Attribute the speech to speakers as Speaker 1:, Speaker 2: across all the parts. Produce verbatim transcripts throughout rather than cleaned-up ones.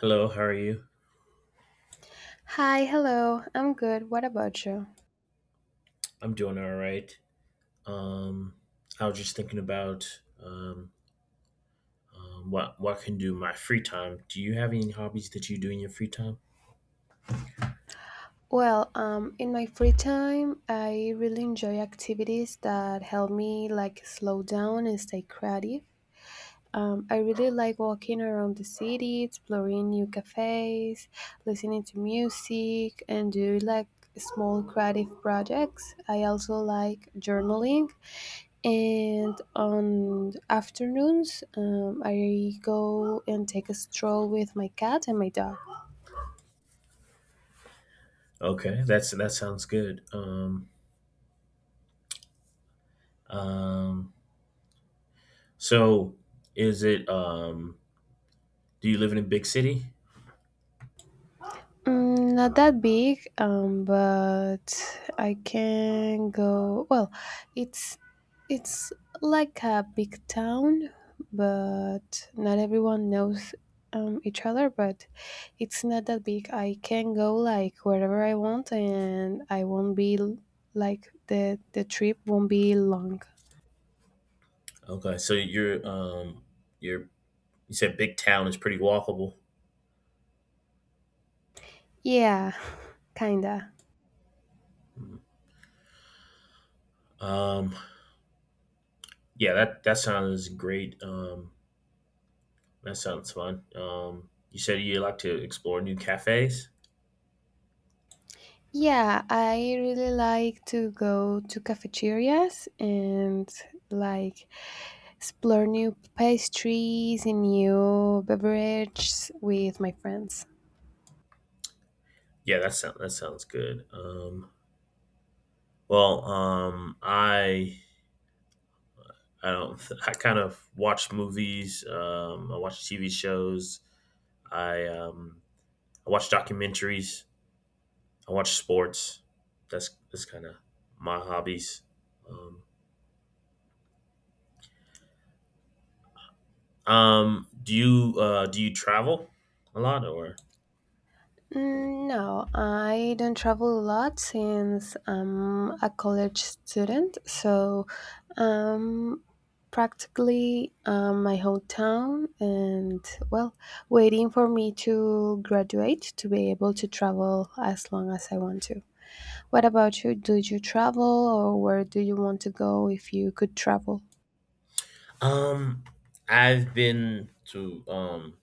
Speaker 1: Hello, how are you?
Speaker 2: Hi, hello. I'm good. What about you?
Speaker 1: I'm doing all right. Um, I was just thinking about um, um, what what I can do in my free time. Do you have any hobbies that you do in your free time?
Speaker 2: Well, um, in my free time, I really enjoy activities that help me like slow down and stay creative. Um, I really like walking around the city, exploring new cafes, listening to music, and do like small creative projects. I also like journaling, and on afternoons um, I go and take a stroll with my cat and my dog.
Speaker 1: Okay, that's that sounds good. Um, um, so is it um, do you live in a big city?
Speaker 2: Mm, not that big, um, but I can go. Well, it's it's like a big town, but not everyone knows um, each other. But it's not that big. I can go like wherever I want, and I won't be l- like the the trip won't be long.
Speaker 1: Okay, so you're um, you're you said big town is pretty walkable.
Speaker 2: Yeah, kinda.
Speaker 1: Um, yeah, that that sounds great. Um, that sounds fun. Um, you said you like to explore new cafes.
Speaker 2: Yeah, I really like to go to cafeterias and like explore new pastries and new beverages with my friends.
Speaker 1: Yeah, that sound that sounds good. Um, well, um, I I don't I kind of watch movies. Um, I watch T V shows. I um, I watch documentaries. I watch sports. That's that's kind of my hobbies. Um, um, do you uh, do you travel a lot or?
Speaker 2: Mm, no, I don't travel a lot since I'm a college student, so um practically um, my hometown and, well, waiting for me to graduate to be able to travel as long as I want to. What about you? Did you travel, or where do you want to go if you could travel?
Speaker 1: Um, I've been to um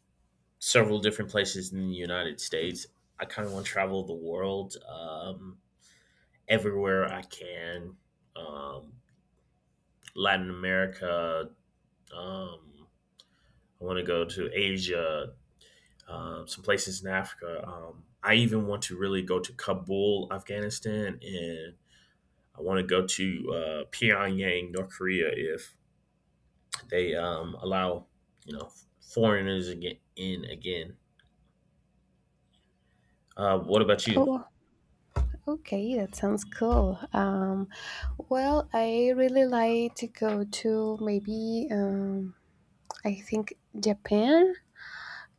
Speaker 1: several different places in the United States. I kind of want to travel the world. Um, everywhere I can. Um, Latin America. Um, I want to go to Asia, uh, some places in Africa. Um, I even want to really go to Kabul, Afghanistan, and I want to go to uh, Pyongyang, North Korea, if they um, allow, you know, foreigners again in again. Uh, what about you?
Speaker 2: Oh, okay, that sounds cool. Um, well, I really like to go to maybe, um, I think Japan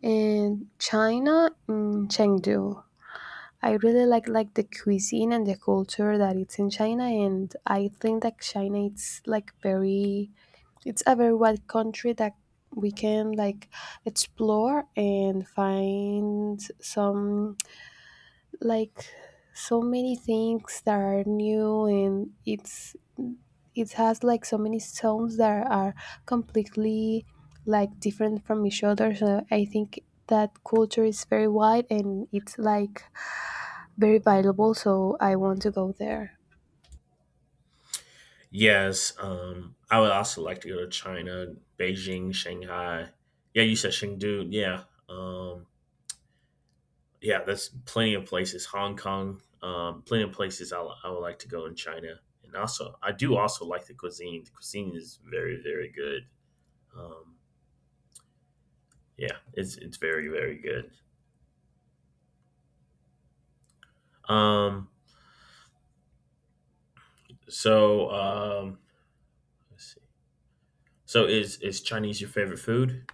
Speaker 2: and China and Chengdu. I really like like the cuisine and the culture that it's in China, and I think that China it's like very, it's a very wide country that we can like explore and find some, like, so many things that are new, and it's it has like so many zones that are completely like different from each other. So I think that culture is very wide and it's like very valuable, so I want to go there.
Speaker 1: Yes, um, I would also like to go to China, Beijing, Shanghai. Yeah, you said Chengdu. Yeah, um, yeah, that's plenty of places. Hong Kong, um, plenty of places I, I would like to go in China, and also I do also like the cuisine. The cuisine is very very good. Um, yeah, it's it's very very good. Um, so um, let's see. So is is Chinese your favorite food?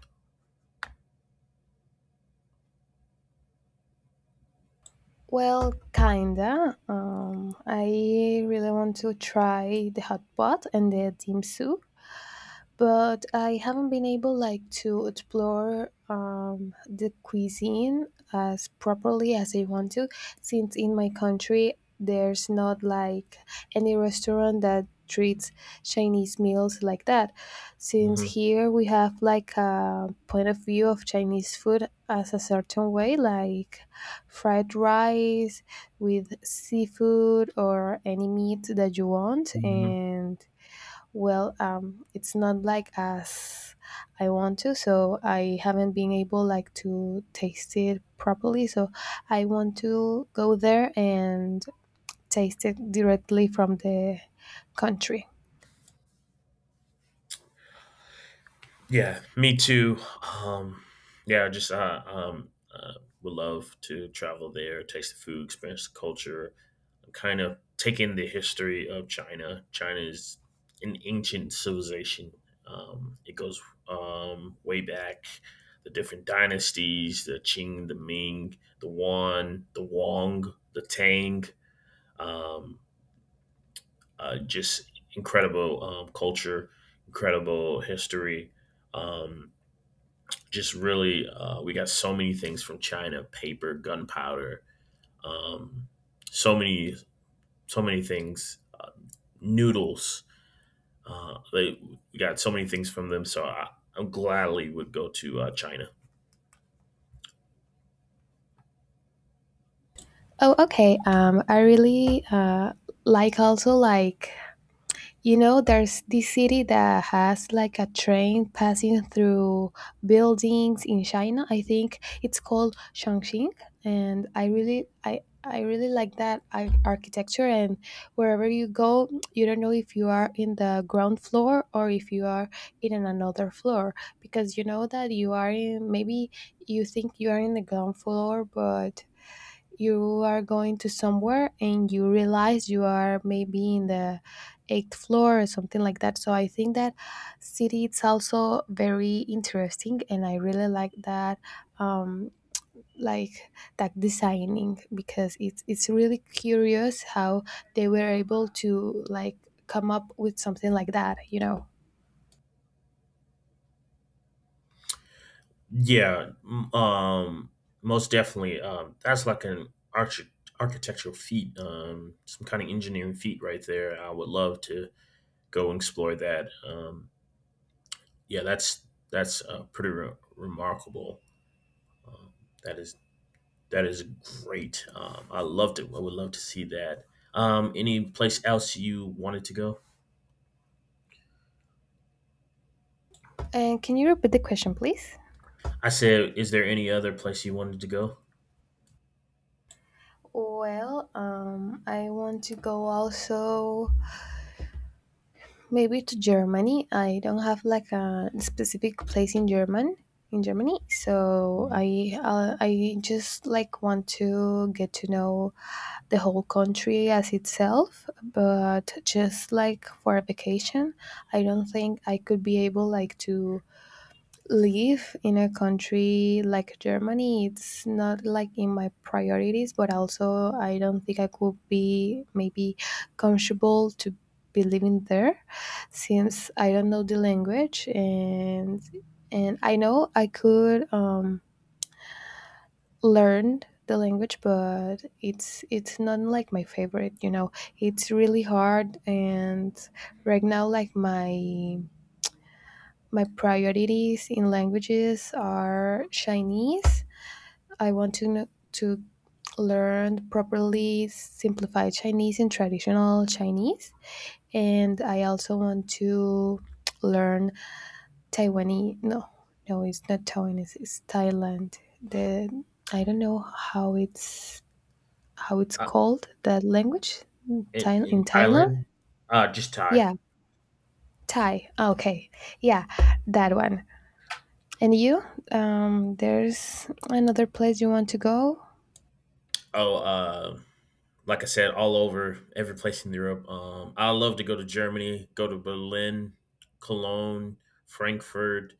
Speaker 2: Well, kinda. Um, I really want to try the hot pot and the dim sum, but I haven't been able like to explore, um, the cuisine as properly as I want to, since in my country there's not like any restaurant that treats Chinese meals like that, since
Speaker 1: Hmm.
Speaker 2: here we have like a point of view of Chinese food as a certain way, like fried rice with seafood or any meat that you want.
Speaker 1: Hmm.
Speaker 2: And, well, um, it's not like as I want to, so I haven't been able like to taste it properly. So I want to go there and taste it directly from the country.
Speaker 1: Yeah, me too. Um, yeah, just uh, um, uh, would love to travel there, taste the food, experience the culture, kind of taking the history of China. China is an ancient civilization. Um, it goes um, way back. The different dynasties: the Qing, the Ming, the Wan, the Wang, the Tang. Um, uh, just incredible um, culture, incredible history. Um, just really, uh, we got so many things from China: paper, gunpowder, um, so many, so many things, noodles. Uh, they we got so many things from them, so I, I gladly would go to uh, China.
Speaker 2: Oh, okay. Um, I really uh, like, also like, you know, there's this city that has like a train passing through buildings in China. I think it's called Chongqing, and I really, I, I really like that ar- architecture. And wherever you go, you don't know if you are in the ground floor or if you are in an- another floor, because you know that you are in. Maybe you think you are in the ground floor, but you are going to somewhere and you realize you are maybe in the eighth floor or something like that. So I think that city it's also very interesting, and I really like that. Um, like that designing, because it's it's really curious how they were able to like come up with something like that you know
Speaker 1: Yeah, m- um, most definitely. Um, that's like an arch- architectural feat, um, some kind of engineering feat right there. I would love to go and explore that. Um, yeah, that's that's uh, pretty re- remarkable. Um, that is that is great. Um, I loved it. I would love to see that. Um, any place else you wanted to go?
Speaker 2: And can you repeat the question, please?
Speaker 1: I said, is there any other place you wanted to go?
Speaker 2: Well, um I want to go also, maybe to Germany. I don't have like a specific place in German in Germany, so
Speaker 1: Mhm.
Speaker 2: I uh, I just like want to get to know the whole country as itself, but just like for a vacation, I don't think I could be able like to live in a country like Germany. It's not like in my priorities, but also I don't think I could be maybe comfortable to be living there, since I don't know the language, and and I know I could, um, learn the language, but it's it's not like my favorite. You know, it's really hard, and right now like my my priorities in languages are Chinese. I want to kn- to learn properly simplified Chinese and traditional Chinese, and I also want to learn Taiwanese. No, no, it's not Taiwanese. It's Thailand. The I don't know how it's how it's
Speaker 1: Uh,
Speaker 2: called that language.
Speaker 1: in,
Speaker 2: Thai, in
Speaker 1: in
Speaker 2: Thailand.
Speaker 1: Thailand? Uh, just Thai.
Speaker 2: Yeah, Thai. Okay, yeah, that one. And you? Um, there's another place you want to go?
Speaker 1: Oh, uh, like I said, all over every place in Europe. Um, I love to go to Germany, go to Berlin, Cologne, Frankfurt,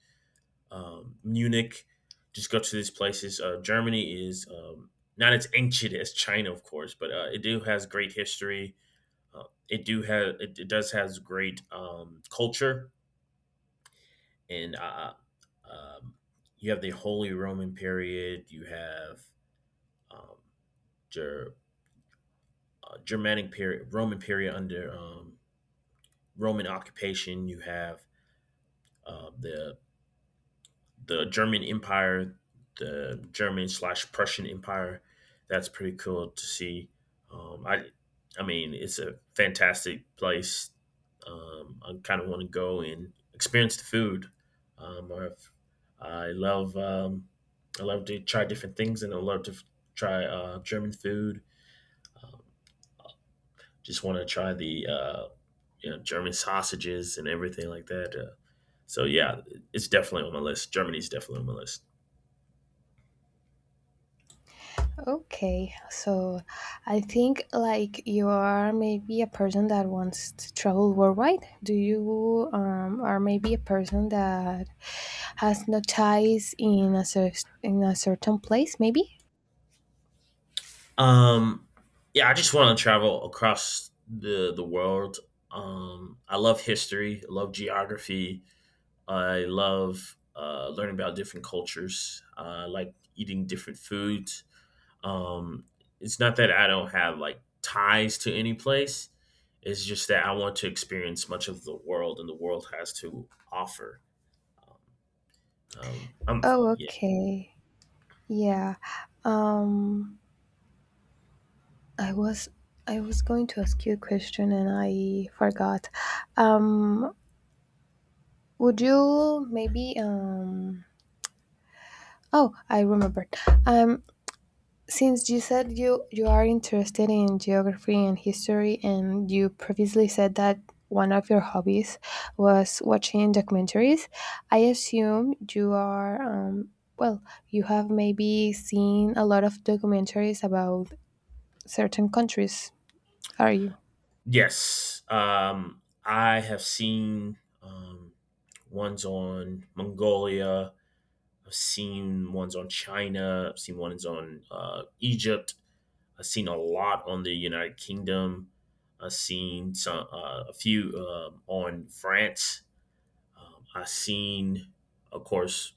Speaker 1: um, Munich. Just go to these places. Uh, Germany is um, not as ancient as China, of course, but uh, it do has great history. Uh, it do have it, it does has great um, culture and uh, um, you have the Holy Roman period. You have um, Ger- uh, Germanic period, Roman period under um, Roman occupation. You have uh, the the German Empire, the German slash Prussian Empire. That's pretty cool to see. Um, I, I mean, it's a fantastic place. Um, I kind of want to go and experience the food. Um, I've, I love, um, I love to try different things, and I love to f- try uh, German food. Um, just want to try the uh, you know, German sausages and everything like that. Uh, so yeah, it's definitely on my list. Germany's definitely on my list.
Speaker 2: Okay, so I think like you are maybe a person that wants to travel worldwide. Do you um, are maybe a person that has no ties in a cer- in a certain place? Maybe.
Speaker 1: Um, yeah, I just want to travel across the the world. Um, I love history. I love geography. I love uh, learning about different cultures. Uh, I like eating different foods. Um, it's not that I don't have like ties to any place. It's just that I want to experience much of the world, and the world has to offer. Um, um, I'm
Speaker 2: Oh,
Speaker 1: yeah.
Speaker 2: okay. Yeah. Um, I was I was going to ask you a question and I forgot. Um, would you maybe um Oh, I remembered. Um, since you said you you are interested in geography and history, and you previously said that one of your hobbies was watching documentaries, I assume you are, um, well, you have maybe seen a lot of documentaries about certain countries, are you?
Speaker 1: Yes, um, I have seen um, ones on Mongolia. I've seen ones on China. I've seen ones on uh, Egypt. I've seen a lot on the United Kingdom. I've seen some uh, a few um, on France. Um, I've seen, of course,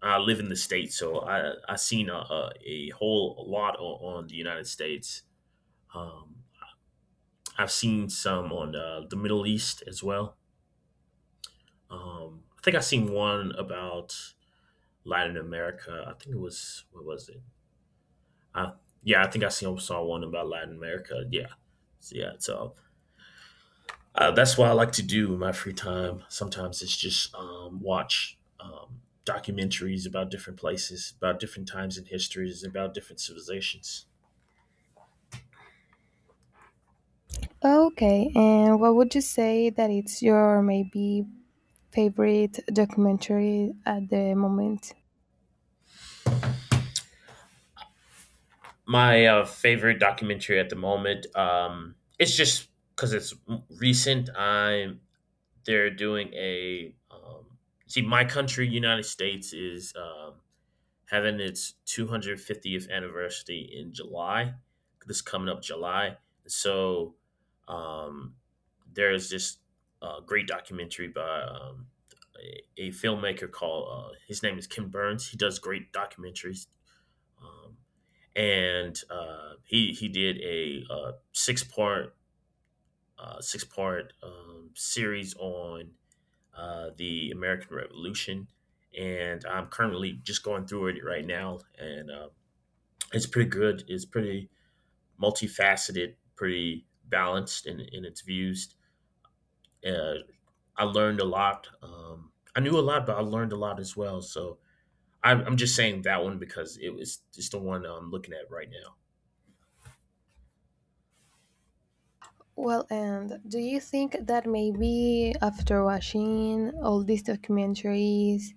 Speaker 1: I live in the states, so I I've seen a, a, a whole lot on, on the United States. Um, I've seen some on uh, the Middle East as well. Um, I think I seen one about Latin America. I think it was, what was it? Uh, yeah, I think I seen saw one about Latin America. Yeah, so, yeah. So uh, that's what I like to do in my free time. Sometimes it's just um, watch um, documentaries about different places, about different times in histories, about different civilizations.
Speaker 2: Okay, and what would you say that it's your maybe favorite documentary at the moment?
Speaker 1: My uh, favorite documentary at the moment. Um, it's just because it's recent. I'm they're doing a um, see my country, united states is um, having its two hundred fiftieth anniversary in july, this coming up july. So um, there's this uh, great documentary by um, a, a filmmaker called uh, his name is Ken burns, he does great documentaries. Um, and uh, he he did a uh, six part uh, six part um, series on uh, the American Revolution, and I'm currently just going through it right now, and uh, it's pretty good. It's pretty multifaceted, pretty balanced in, in its views. Uh, I learned a lot. Um, I knew a lot, but I learned a lot as well. So I'm, I'm just saying that one because it was just the one I'm looking at right now.
Speaker 2: Well, and do you think that maybe after watching all these documentaries,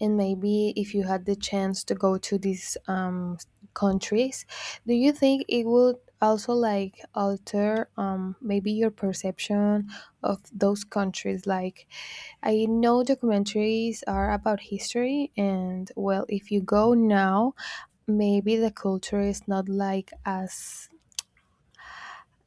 Speaker 2: and maybe if you had the chance to go to these, um, countries, do you think it would also like alter, um, maybe your perception of those countries? Like, I know documentaries are about history, and, well, if you go now, maybe the culture is not like as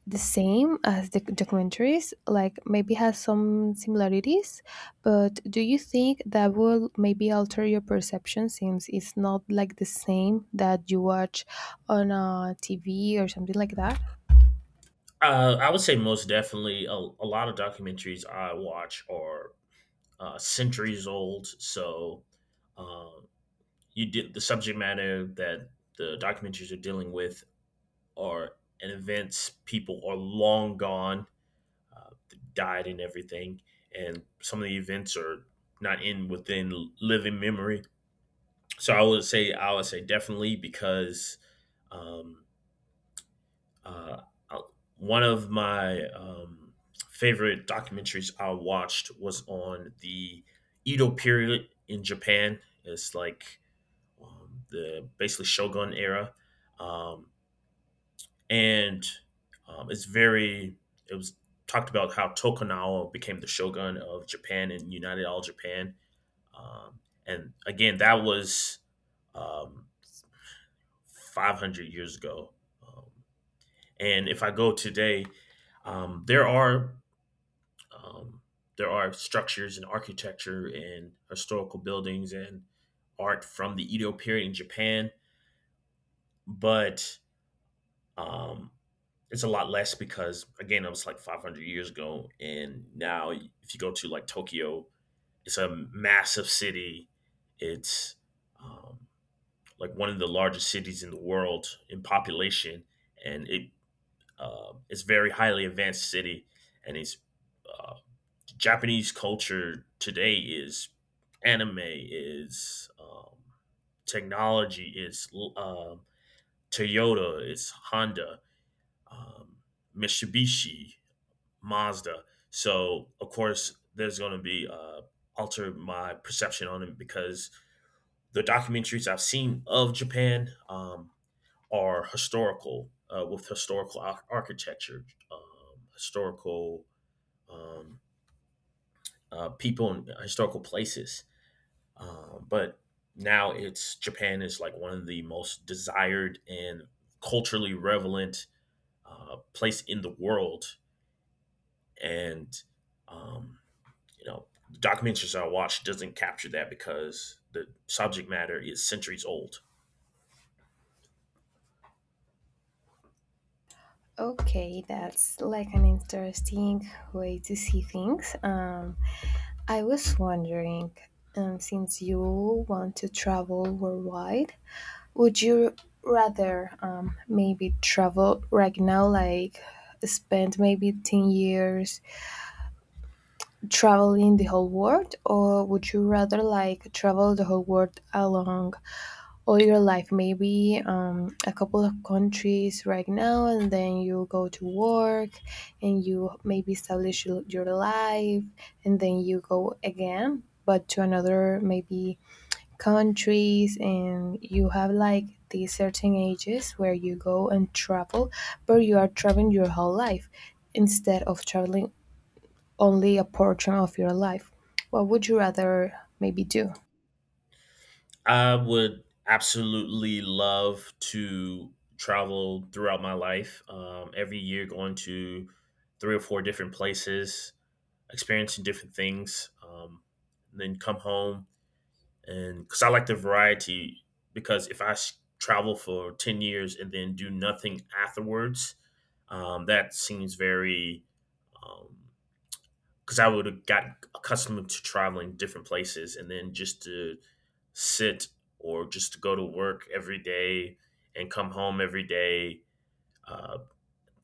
Speaker 2: the same as the documentaries, like maybe has some similarities, but do you think that will maybe alter your perception since it's not like the same that you watch on a T V or something like that?
Speaker 1: Uh, I would say most definitely a, a lot of documentaries I watch are uh, centuries old. So um, you did the subject matter that the documentaries are dealing with are an events people are long gone, uh, died and everything, and some of the events are not in within living memory. So I would say I would say definitely because um, uh, uh, one of my um, favorite documentaries I watched was on the Edo period in Japan. It's like um, the basically Shogun era, um, and um, it's very. It was talked about how Tokugawa became the Shogun of Japan and united all Japan, um, and again that was um, five hundred years ago. Um, and if I go today, um, there are um, there are structures and architecture and historical buildings and art from the Edo period in Japan, but um, it's a lot less because again, it was like five hundred years ago, and now if you go to like Tokyo, it's a massive city. It's um, like one of the largest cities in the world in population, and it uh, it's very highly advanced city, and it's uh, Japanese culture today is anime, is um, technology, is uh, Toyota, is Honda, um, Mitsubishi, Mazda. So of course, there's going to be uh, alter my perception on it because the documentaries I've seen of Japan um, are historical, uh, with historical ar- architecture, um, historical um, uh, people, and historical places. Um, but now it's Japan is like one of the most desired and culturally relevant uh, place in the world, and um, you know, the documentaries I watch doesn't capture that because the subject matter is centuries old.
Speaker 2: Okay, that's like an interesting way to see things. Um, I was wondering, um, since you want to travel worldwide, would you rather, um, maybe travel right now, like spend maybe ten years traveling the whole world, or would you rather like travel the whole world along all your life, maybe, um, a couple of countries right now, and then you go to work and you maybe establish your your life, and then you go again, but to another maybe countries, and you have like these certain ages where you go and travel, but you are traveling your whole life instead of traveling only a portion of your life. What would you rather maybe do?
Speaker 1: I would absolutely love to travel throughout my life. Um, every year, going to three or four different places, experiencing different things, um, and then come home, and because I like the variety. Because if I s- travel for ten years and then do nothing afterwards, um, that seems very um, because I would have gotten accustomed to traveling different places and then just to sit or just to go to work every day and come home every day, uh,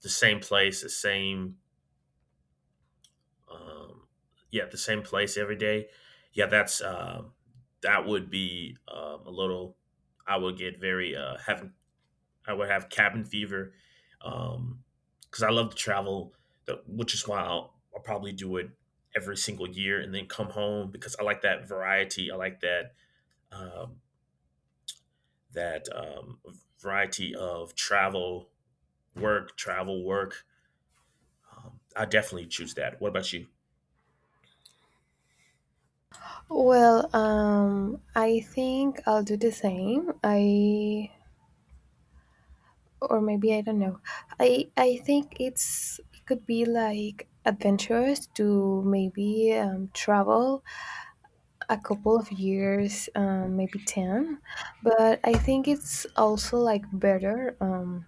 Speaker 1: the same place, the same, um, yeah, the same place every day. Yeah, that's um that would be um, a little. I would get very uh, having I would have cabin fever um, because I love to travel, the- which is why I'll, I'll probably do it every single year and then come home because I like that variety. I like that um, that um, variety of travel, work, travel, work. Um, I definitely choose that. What about you?
Speaker 2: Well, um, I think I'll do the same. I Or maybe I don't know. I I think it's it could be like adventurous to maybe, um, travel a couple of years, um, maybe ten. But I think it's also like better, um,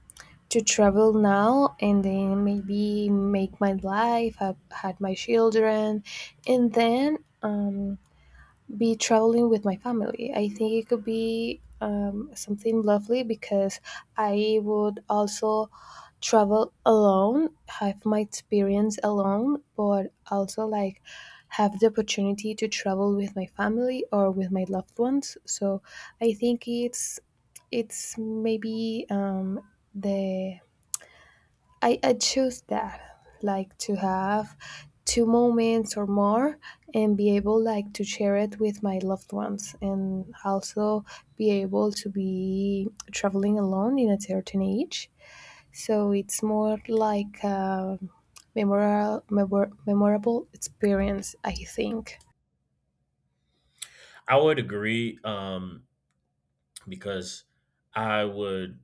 Speaker 2: to travel now and then maybe make my life, have had my children, and then, um, be traveling with my family. I think it could be, um, something lovely, because I would also travel alone, have my experience alone, but also like have the opportunity to travel with my family or with my loved ones. So I think it's it's maybe, um, the I, I choose that, like to have two moments or more and be able like to share it with my loved ones, and also be able to be traveling alone in a certain age, so it's more like a memorable, memorable experience, I think.
Speaker 1: I would agree um, because I would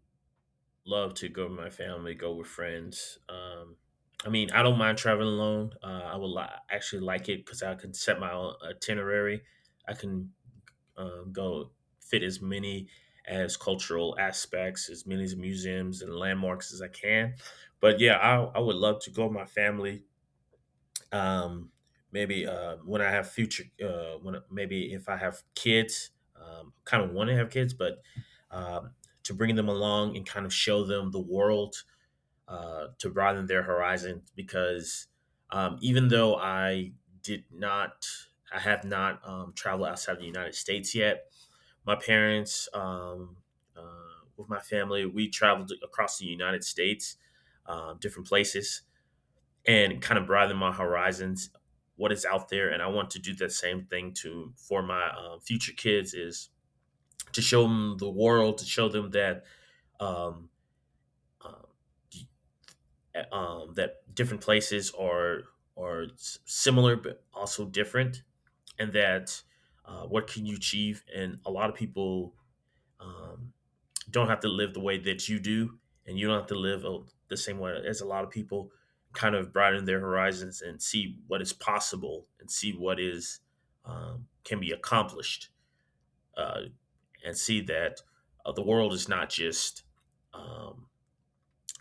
Speaker 1: love to go with my family, go with friends. Um, I mean, I don't mind traveling alone. Uh, I would li- actually like it because I can set my own itinerary. I can um, go fit as many as cultural aspects, as many as museums and landmarks as I can. But yeah, I, I would love to go with my family. Um, Maybe uh, when I have future, uh, when maybe if I have kids, um, kind of want to have kids, but um, to bring them along and kind of show them the world uh, to broaden their horizons because um, even though I did not, I have not um, traveled outside the United States yet, my parents, um, uh, with my family, we traveled across the United States, um, different places, and kind of broaden my horizons, what is out there. And I want to do that same thing to for my uh, future kids is to show them the world, to show them that um, um, uh, um, that different places are are similar but also different, and that uh, what can you achieve? And a lot of people um, don't have to live the way that you do, and you don't have to live uh, the same way as a lot of people. Kind of broaden their horizons and see what is possible, and see what is um, can be accomplished, uh, and see that uh, the world is not just um,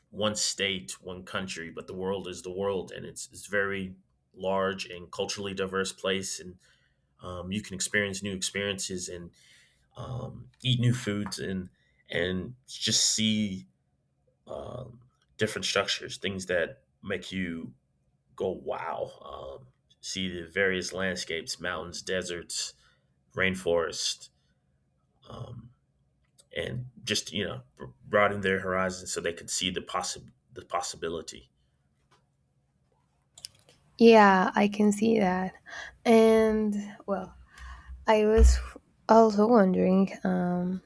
Speaker 1: one state, one country, but the world is the world, and it's it's very large and culturally diverse place, and um, you can experience new experiences and um, eat new foods and and just see um, different structures, things that make you go wow. Um, See the various landscapes, mountains, deserts, rainforest, um, and just you know broaden their horizons so they could see the possible the possibility.
Speaker 2: Yeah, I can see that. And, well, I was also wondering, um,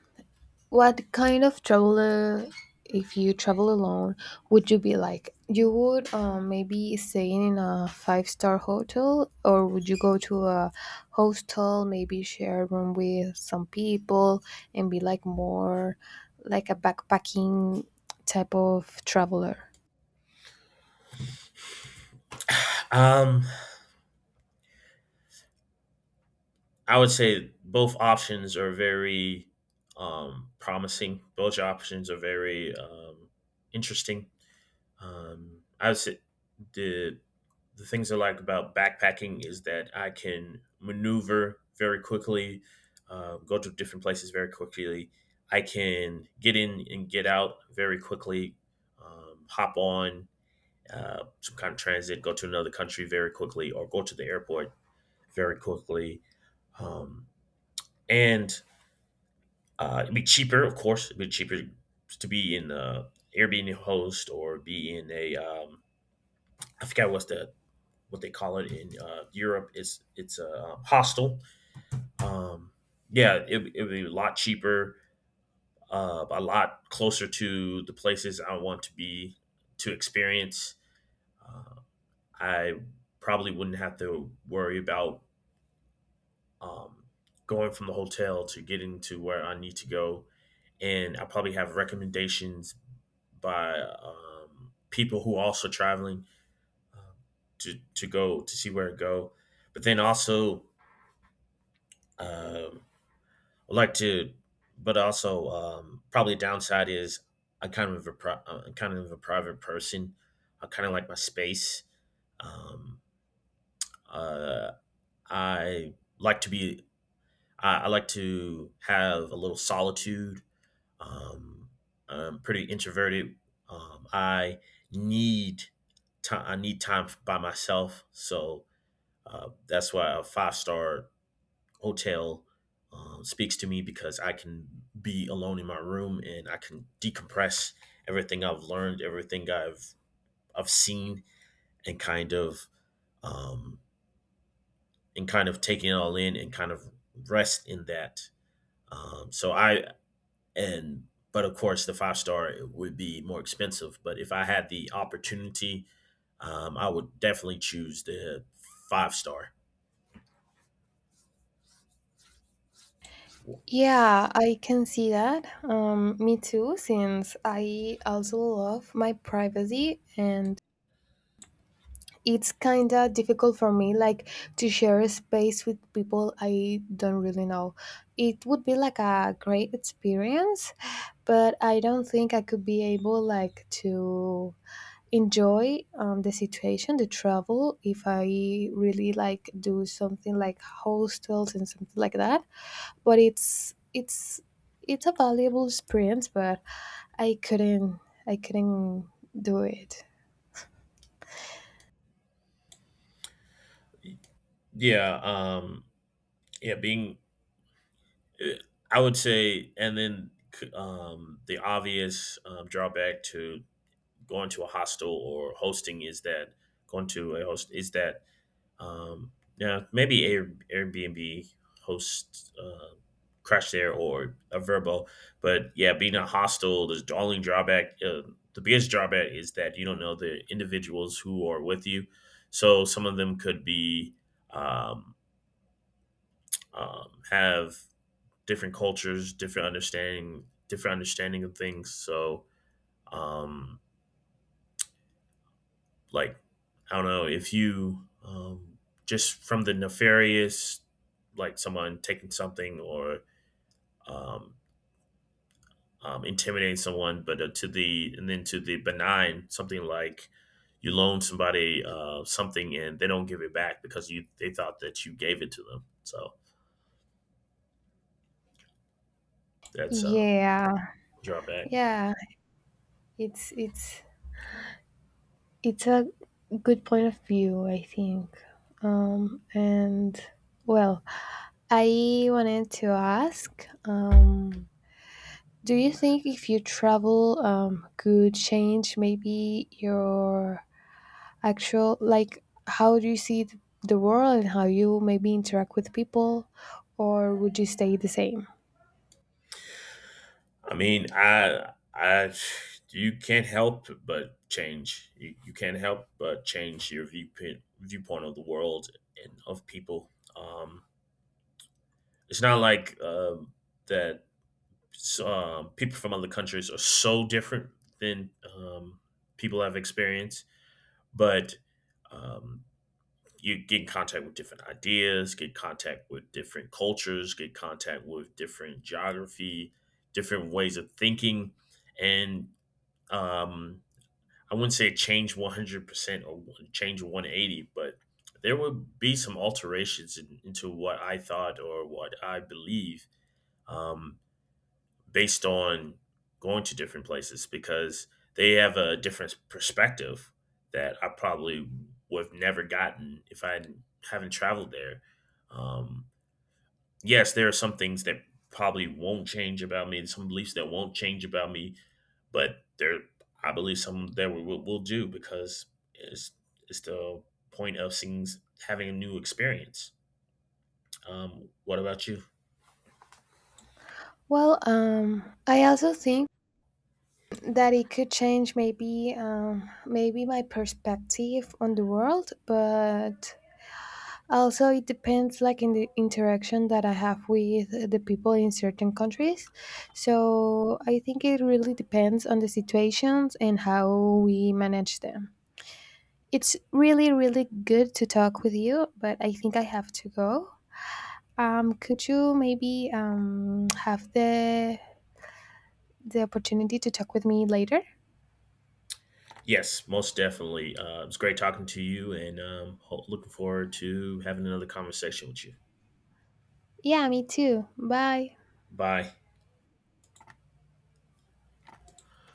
Speaker 2: what kind of traveler, if you travel alone, would you be like? You would, um maybe, stay in a five star hotel, or would you go to a hostel, maybe share a room with some people, and be like more like a backpacking type of traveler?
Speaker 1: Um, I would say both options are very um, promising. Both options are very um, interesting. Um, I would say the the things I like about backpacking is that I can maneuver very quickly, uh, go to different places very quickly. I can get in and get out very quickly, um, hop on uh, some kind of transit, go to another country very quickly, or go to the airport very quickly. Um, and uh, It'd be cheaper, of course. It'd be cheaper to be in uh, Airbnb host or be in a um, I forget what's the what they call it in uh, Europe. It's it's a um, hostel. Um, yeah, it, it would be a lot cheaper, uh, a lot closer to the places I want to be to experience. Uh, I probably wouldn't have to worry about um, going from the hotel to getting to where I need to go and I probably have recommendations by um, people who are also traveling um, to to go to see where to go. But then also, um, I like to, but also um, probably a downside is I kind of a pri- uh, I'm kind of a private person. I kind of like my space. Um, uh, I like to be. I, I like to have a little solitude. Um, I'm pretty introverted. Um, I need time. I need time by myself. So uh, that's why a five star hotel um, speaks to me because I can be alone in my room and I can decompress everything I've learned, everything I've I've seen, and kind of um, and kind of taking it all in and kind of rest in that. Um, so I and But of course the five star would be more expensive, but if I had the opportunity, um, I would definitely choose the five star.
Speaker 2: Yeah, I can see that. Um, me too, since I also love my privacy, and it's kinda difficult for me like to share a space with people I don't really know. It would be like a great experience, but I don't think I could be able like to enjoy, um, the situation, the travel, if I really like do something like hostels and something like that. But it's it's it's a valuable experience, but i couldn't i couldn't do it.
Speaker 1: Yeah um yeah being eh, I would say, and then um the obvious um, drawback to going to a hostel or hosting is that going to a host is that Um, yeah, maybe Air, Airbnb hosts, uh, Crash there or a Verbo, but yeah, being a hostel, the only drawback, uh, the biggest drawback is that you don't know the individuals who are with you. So some of them could be um, um, have different cultures, different understanding, different understanding of things. So um, like I don't know if you um, just from the nefarious, like someone taking something or um, um, intimidating someone, but uh, to the and then to the benign something like you loan somebody uh, something and they don't give it back because you they thought that you gave it to them. So that's uh, a
Speaker 2: Yeah,
Speaker 1: drawback.
Speaker 2: yeah. It's it's it's a good point of view, I think. Um, and, well, I wanted to ask, um, do you think if you travel, um, could change maybe your actual, like, how do you see th- the world and how you maybe interact with people, or would you stay the same?
Speaker 1: I mean, I, I, you can't help but change. You, you can't help but change your viewpoint, viewpoint of the world and of people. Um, it's not like um, that. Um, people from other countries are so different than um, people have experienced, but um, you get in contact with different ideas, get contact with different cultures, get contact with different geography, different ways of thinking, and um I wouldn't say change one hundred percent or one- change one eighty, but there would be some alterations in, into what I thought or what I believe, um based on going to different places because they have a different perspective that I probably would have never gotten if I hadn't- haven't traveled there. um yes, there are some things that probably won't change about me and some beliefs that won't change about me, but there I believe some that we will, will do because it's it's the point of seeing having a new experience. Um, what about you?
Speaker 2: Well, um, I also think that it could change maybe, um, maybe my perspective on the world, but also it depends like in the interaction that I have with the people in certain countries, so I think it really depends on the situations and how we manage them. It's really really good to talk with you, but I think I have to go. Um, could you maybe, um, have the the opportunity to talk with me later?
Speaker 1: Yes, most definitely. Uh, it's great talking to you, and um, ho- looking forward to having another conversation with you.
Speaker 2: Yeah, me too, bye.
Speaker 1: Bye.